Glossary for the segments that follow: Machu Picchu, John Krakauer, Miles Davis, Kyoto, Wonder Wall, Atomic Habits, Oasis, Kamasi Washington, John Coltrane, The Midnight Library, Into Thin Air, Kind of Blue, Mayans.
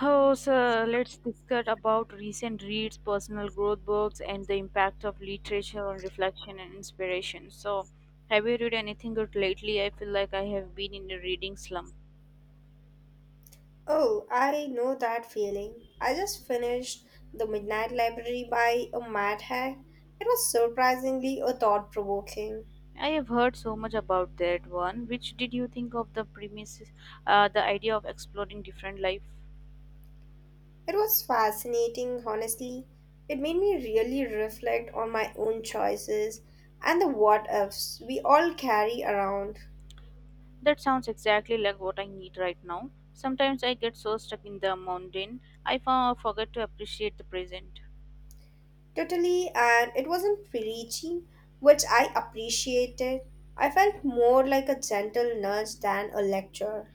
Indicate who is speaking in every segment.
Speaker 1: Oh, so let's discuss about recent reads, personal growth books, and the impact of literature on reflection and inspiration. So, have you read anything good lately? I feel like I have been in a reading slump.
Speaker 2: Oh, I know that feeling. I just finished The Midnight Library by a mad hack. It was surprisingly a thought provoking.
Speaker 1: I have heard so much about that one. Which did you think of the premises, the idea of exploring different life?
Speaker 2: It was fascinating, honestly. It made me really reflect on my own choices and the what ifs we all carry around.
Speaker 1: That sounds exactly like what I need right now. Sometimes I get so stuck in the mundane, I forget to appreciate the present.
Speaker 2: Totally, and it wasn't preachy, which I appreciated. I felt more like a gentle nudge than a lecture.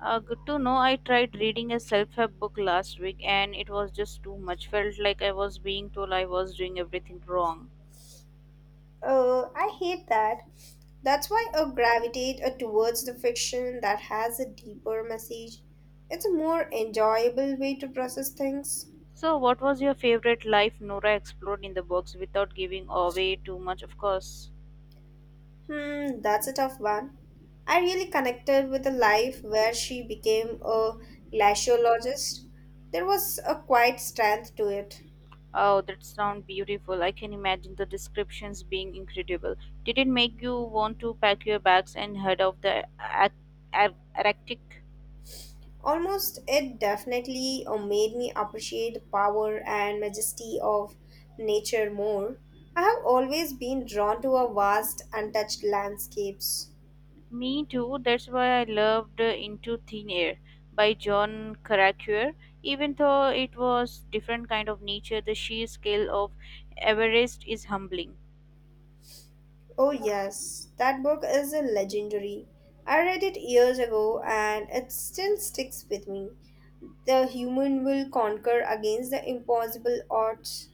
Speaker 1: Good to know. I tried reading a self-help book last week, and it was just too much. Felt like I was being told I was doing everything wrong.
Speaker 2: I hate that. That's why I gravitate towards the fiction that has a deeper message. It's a more enjoyable way to process things.
Speaker 1: So, what was your favorite life Nora explored in the books without giving away too much? Of course.
Speaker 2: Hmm, that's a tough one. I really connected with a life where she became a glaciologist. There was a quiet strength to it.
Speaker 1: Oh, that sounds beautiful. I can imagine the descriptions being incredible. Did it make you want to pack your bags and head off the Arctic?
Speaker 2: Almost it definitely made me appreciate the power and majesty of nature more. I have always been drawn to a vast, untouched landscapes.
Speaker 1: Me too. That's why I loved Into Thin Air by John Krakauer. Even though it was different kind of nature, the sheer scale of Everest is humbling.
Speaker 2: Oh, yes, that book is a legendary. I read it years ago and it still sticks with me. The human will conquer against the impossible odds.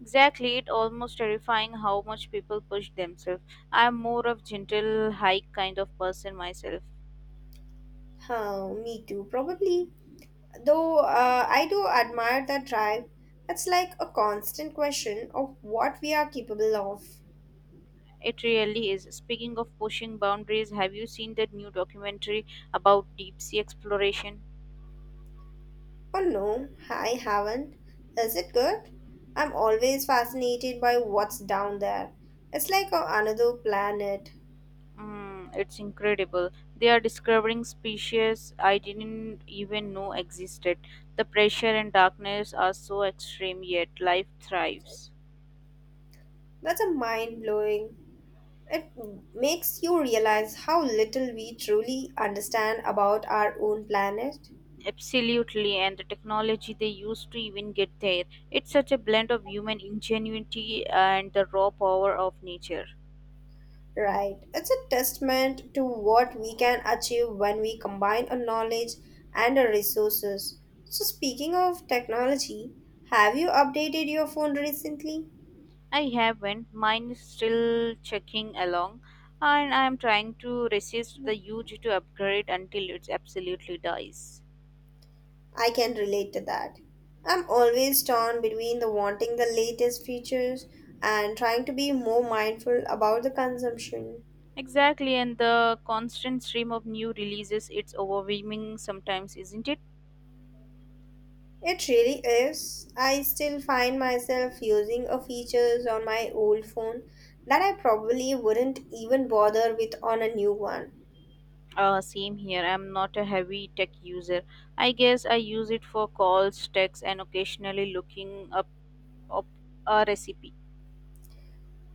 Speaker 1: Exactly, it almost terrifying how much people push themselves. I'm more of gentle hike kind of person myself.
Speaker 2: Huh, me too, probably. Though I do admire that drive, it's like a constant question of what we are capable of.
Speaker 1: It really is. Speaking of pushing boundaries, have you seen that new documentary about deep sea exploration?
Speaker 2: Oh no, I haven't. Is it good? I'm always fascinated by what's down there. It's like a, another planet.
Speaker 1: Mm, it's incredible. They are discovering species I didn't even know existed. The pressure and darkness are so extreme, yet life thrives.
Speaker 2: That's a mind blowing. It makes you realize how little we truly understand about our own planet.
Speaker 1: Absolutely, and the technology they use to even get there. It's such a blend of human ingenuity and the raw power of nature.
Speaker 2: Right. It's a testament to what we can achieve when we combine our knowledge and our resources. So, speaking of technology, have you updated your phone recently?
Speaker 1: I haven't. Mine is still checking along, and I'm trying to resist the urge to upgrade until it absolutely dies.
Speaker 2: I can relate to that. I'm always torn between the wanting the latest features and trying to be more mindful about the consumption.
Speaker 1: Exactly, and the constant stream of new releases, it's overwhelming sometimes, isn't it?
Speaker 2: It really is. I still find myself using a features on my old phone that I probably wouldn't even bother with on a new one.
Speaker 1: Same here. I'm not a heavy tech user. I guess I use it for calls, texts, and occasionally looking up a recipe.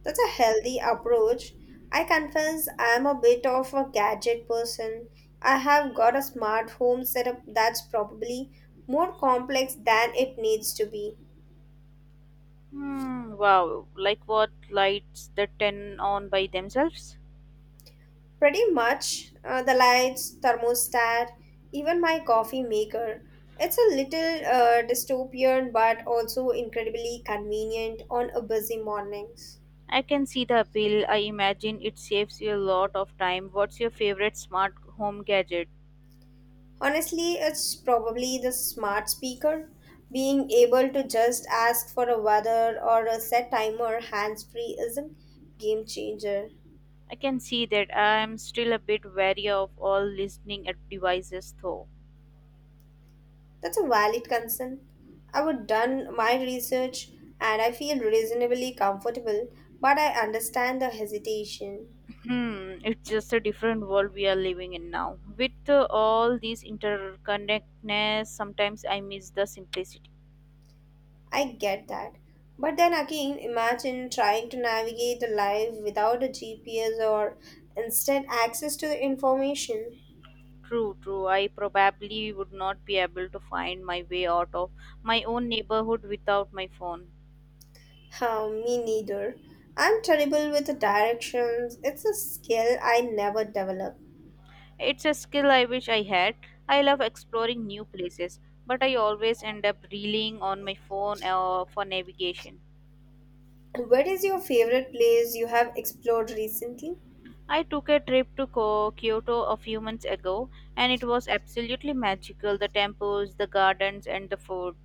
Speaker 2: That's a healthy approach. I confess I'm a bit of a gadget person. I have got a smart home setup that's probably more complex than it needs to be.
Speaker 1: Hmm, wow. Like what lights the 10 on by themselves?
Speaker 2: Pretty much. The lights, thermostat, even my coffee maker. It's a little dystopian but also incredibly convenient on a busy mornings.
Speaker 1: I can see the appeal. I imagine it saves you a lot of time. What's your favorite smart home gadget?
Speaker 2: Honestly, it's probably the smart speaker. Being able to just ask for a weather or a set timer hands-free is a game changer.
Speaker 1: I can see that I am still a bit wary of all listening at devices though.
Speaker 2: That's a valid concern. I would done my research and I feel reasonably comfortable, but I understand the hesitation.
Speaker 1: Hmm, it's just a different world we are living in now. With all these interconnectedness, sometimes I miss the simplicity.
Speaker 2: I get that. But then again, imagine trying to navigate the life without a GPS or instant access to the information.
Speaker 1: True, true. I probably would not be able to find my way out of my own neighborhood without my phone.
Speaker 2: Huh, me neither. I'm terrible with the directions. It's a skill I never develop.
Speaker 1: It's a skill I wish I had. I love exploring new places, but I always end up relying on my phone for navigation.
Speaker 2: What is your favorite place you have explored recently?
Speaker 1: I took a trip to Kyoto a few months ago, and it was absolutely magical the temples, the gardens, and the food.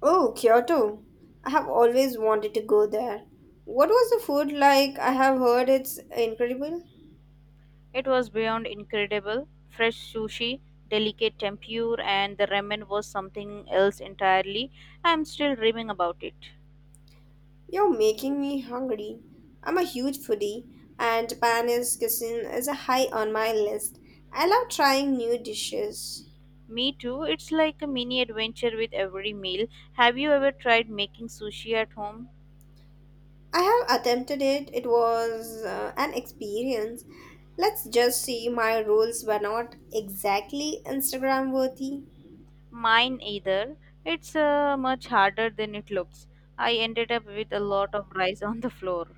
Speaker 2: Oh, Kyoto. I have always wanted to go there. What was the food like? I have heard it's incredible.
Speaker 1: It was beyond incredible. Fresh sushi, delicate tempura, and the ramen was something else entirely. I'm still dreaming about it.
Speaker 2: You're making me hungry. I'm a huge foodie, and Japanese cuisine is a high on my list. I love trying new dishes.
Speaker 1: Me too, it's like a mini adventure with every meal. Have you ever tried making sushi at home?
Speaker 2: I have attempted it. It was an experience. Let's just say my rolls were not exactly Instagram worthy.
Speaker 1: Mine either. It's much harder than it looks. I ended up with a lot of rice on the floor.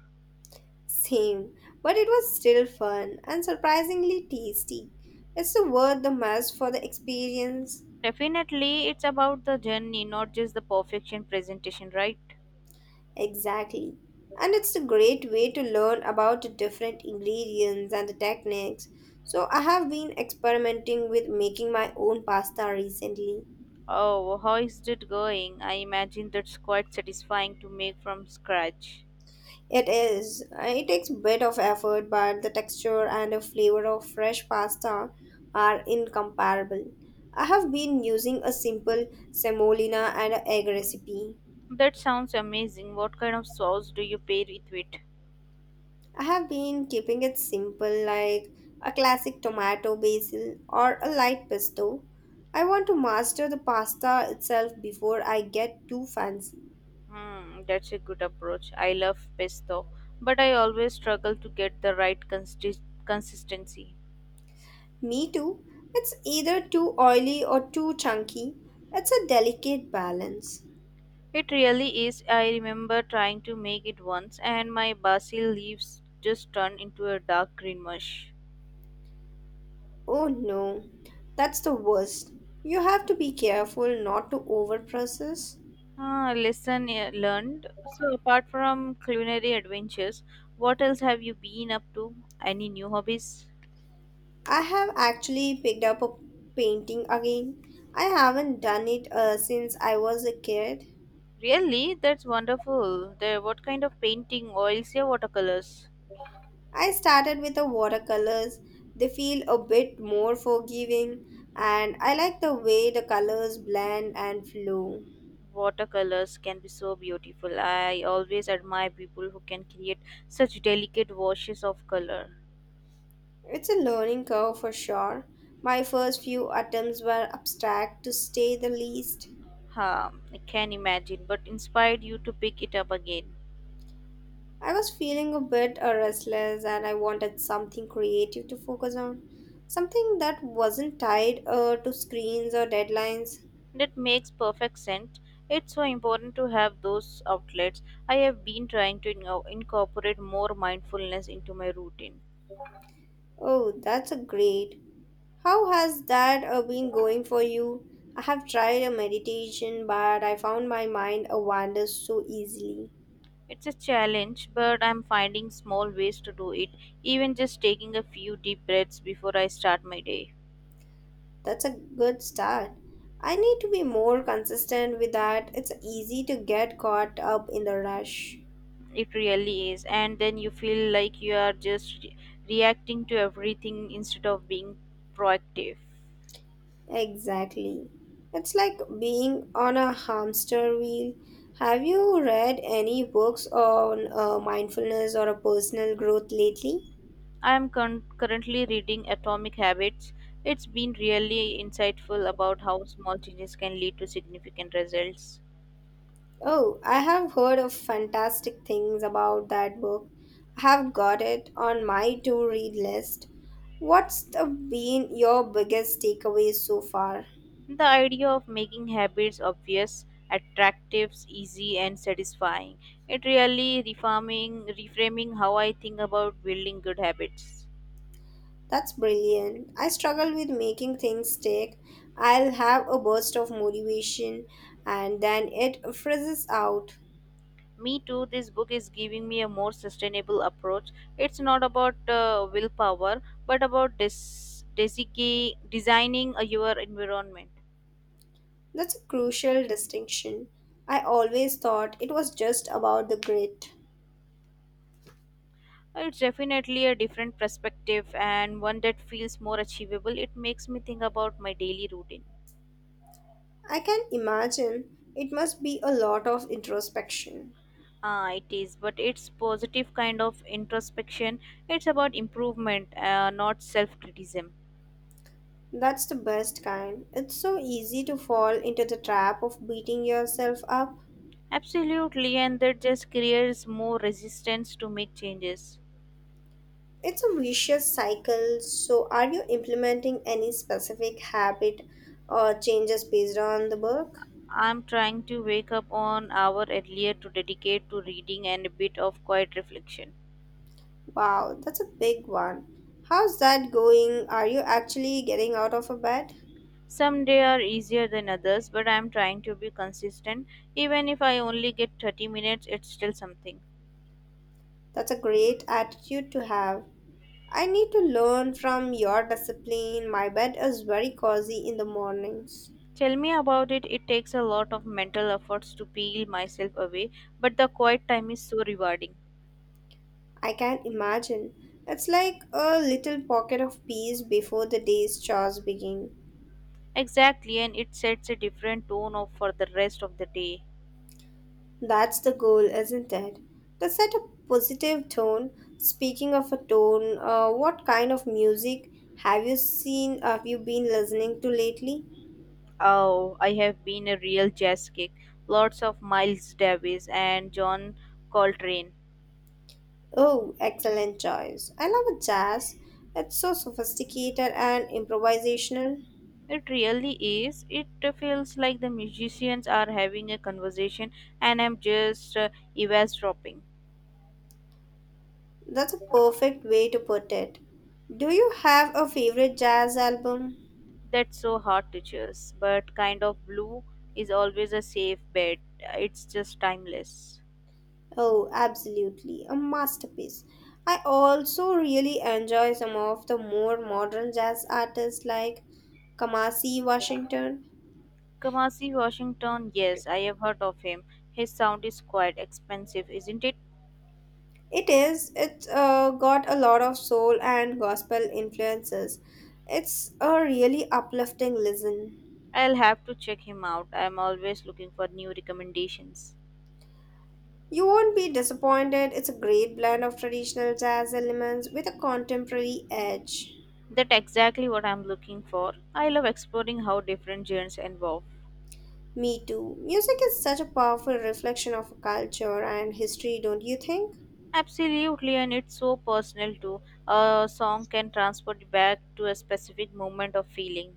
Speaker 2: Same, but it was still fun and surprisingly tasty. It's the worth the mess for the experience.
Speaker 1: Definitely, it's about the journey, not just the perfection presentation, right?
Speaker 2: Exactly. And it's a great way to learn about the different ingredients and the techniques. So I have been experimenting with making my own pasta recently.
Speaker 1: Oh, how is it going? I imagine that's quite satisfying to make from scratch.
Speaker 2: It is. It takes a bit of effort, but the texture and the flavor of fresh pasta are incomparable. I have been using a simple semolina and a egg recipe.
Speaker 1: That sounds amazing. What kind of sauce do you pair it with?
Speaker 2: I have been keeping it simple, like a classic tomato basil or a light pesto. I want to master the pasta itself before I get too fancy.
Speaker 1: Hmm, that's a good approach. I love pesto, but I always struggle to get the right consistency.
Speaker 2: Me too. It's either too oily or too chunky. It's a delicate balance.
Speaker 1: It really is. I remember trying to make it once, and my basil leaves just turned into a dark green mush.
Speaker 2: Oh no, that's the worst. You have to be careful not to overprocess.
Speaker 1: Ah, lesson learned. So, apart from culinary adventures, what else have you been up to? Any new hobbies?
Speaker 2: I have actually picked up a painting again. I haven't done it since I was a kid.
Speaker 1: Really? That's wonderful. There, what kind of painting, oils, or watercolors?
Speaker 2: I started with the watercolors. They feel a bit more forgiving, and I like the way the colors blend and flow.
Speaker 1: Watercolors can be so beautiful. I always admire people who can create such delicate washes of color.
Speaker 2: It's a learning curve for sure. My first few attempts were abstract to say the least.
Speaker 1: Huh, I can imagine. But inspired you to pick it up again.
Speaker 2: I was feeling a bit restless and I wanted something creative to focus on. Something that wasn't tied to screens or deadlines.
Speaker 1: That makes perfect sense. It's so important to have those outlets. I have been trying to incorporate more mindfulness into my routine.
Speaker 2: Oh, that's a great. How has that been going for you? I have tried a meditation, but I found my mind wanders so easily.
Speaker 1: It's a challenge, but I'm finding small ways to do it, even just taking a few deep breaths before I start my day.
Speaker 2: That's a good start. I need to be more consistent with that. It's easy to get caught up in the rush.
Speaker 1: It really is, and then you feel like you are just reacting to everything instead of being proactive.
Speaker 2: Exactly. It's like being on a hamster wheel. Have you read any books on mindfulness or a personal growth lately?
Speaker 1: I am currently reading Atomic Habits. It's been really insightful about how small changes can lead to significant results.
Speaker 2: Oh, I have heard of fantastic things about that book. I have got it on my to read list. What's the been your biggest takeaway so far?
Speaker 1: The idea of making habits obvious, attractive, easy, and satisfying. It really reframing how I think about building good habits.
Speaker 2: That's brilliant. I struggle with making things stick. I'll have a burst of motivation and then it frizzes out.
Speaker 1: Me too, this book is giving me a more sustainable approach. It's not about willpower, but about designing your environment.
Speaker 2: That's a crucial distinction. I always thought it was just about the grit.
Speaker 1: It's definitely a different perspective and one that feels more achievable. It makes me think about my daily routine.
Speaker 2: I can imagine it must be a lot of introspection.
Speaker 1: Ah, it is, but it's positive kind of introspection. It's about improvement, not self-criticism.
Speaker 2: That's the best kind. It's so easy to fall into the trap of beating yourself up.
Speaker 1: Absolutely, and that just creates more resistance to make changes.
Speaker 2: It's a vicious cycle. So, are you implementing any specific habit or changes based on the book?
Speaker 1: I'm trying to wake up an hour earlier to dedicate to reading and a bit of quiet reflection.
Speaker 2: Wow, that's a big one. How's that going? Are you actually getting out of a bed?
Speaker 1: Some days are easier than others, but I'm trying to be consistent. Even if I only get 30 minutes, it's still something.
Speaker 2: That's a great attitude to have. I need to learn from your discipline. My bed is very cozy in the mornings.
Speaker 1: Tell me about it. It takes a lot of mental efforts to peel myself away, but the quiet time is so rewarding.
Speaker 2: I can imagine. It's like a little pocket of peace before the day's chores begin.
Speaker 1: Exactly, and it sets a different tone of for the rest of the day.
Speaker 2: That's the goal, isn't it? To set a positive tone. Speaking of a tone, what kind of music have you seen, have you been listening to lately?
Speaker 1: Oh, I have been a real jazz kick. Lots of Miles Davis and John Coltrane.
Speaker 2: Oh, excellent choice. I love jazz. It's so sophisticated and improvisational.
Speaker 1: It really is. It feels like the musicians are having a conversation, and I'm just eavesdropping.
Speaker 2: That's a perfect way to put it. Do you have a favorite jazz album?
Speaker 1: That's so hard to choose, but kind of blue is always a safe bet. It's just timeless.
Speaker 2: Oh, absolutely, a masterpiece. I also really enjoy some of the more modern jazz artists like Kamasi Washington.
Speaker 1: Kamasi Washington, yes, I have heard of him. His sound is quite expensive, isn't it?
Speaker 2: It is, it's got a lot of soul and gospel influences. It's a really uplifting listen.
Speaker 1: I'll have to check him out. I'm always looking for new recommendations.
Speaker 2: You won't be disappointed. It's a great blend of traditional jazz elements with a contemporary edge.
Speaker 1: That's exactly what I'm looking for. I love exploring how different genres evolve.
Speaker 2: Me too. Music is such a powerful reflection of a culture and history, don't you think?
Speaker 1: Absolutely, and it's so personal too. A song can transport you back to a specific moment of feeling.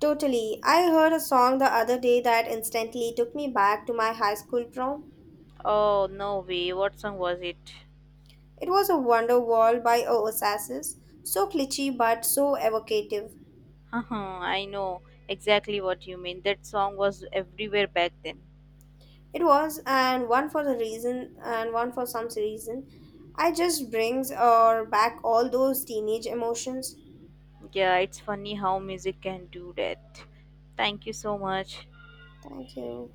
Speaker 2: Totally. I heard a song the other day that instantly took me back to my high school prom.
Speaker 1: Oh, no way. What song was it?
Speaker 2: It was a Wonder Wall by Oasis. So glitchy but so evocative.
Speaker 1: I know exactly what you mean. That song was everywhere back then.
Speaker 2: It was, and one for the reason, and one for some reason. I just brings or back all those teenage emotions.
Speaker 1: Yeah, it's funny how music can do that. Thank you so much.
Speaker 2: Thank you.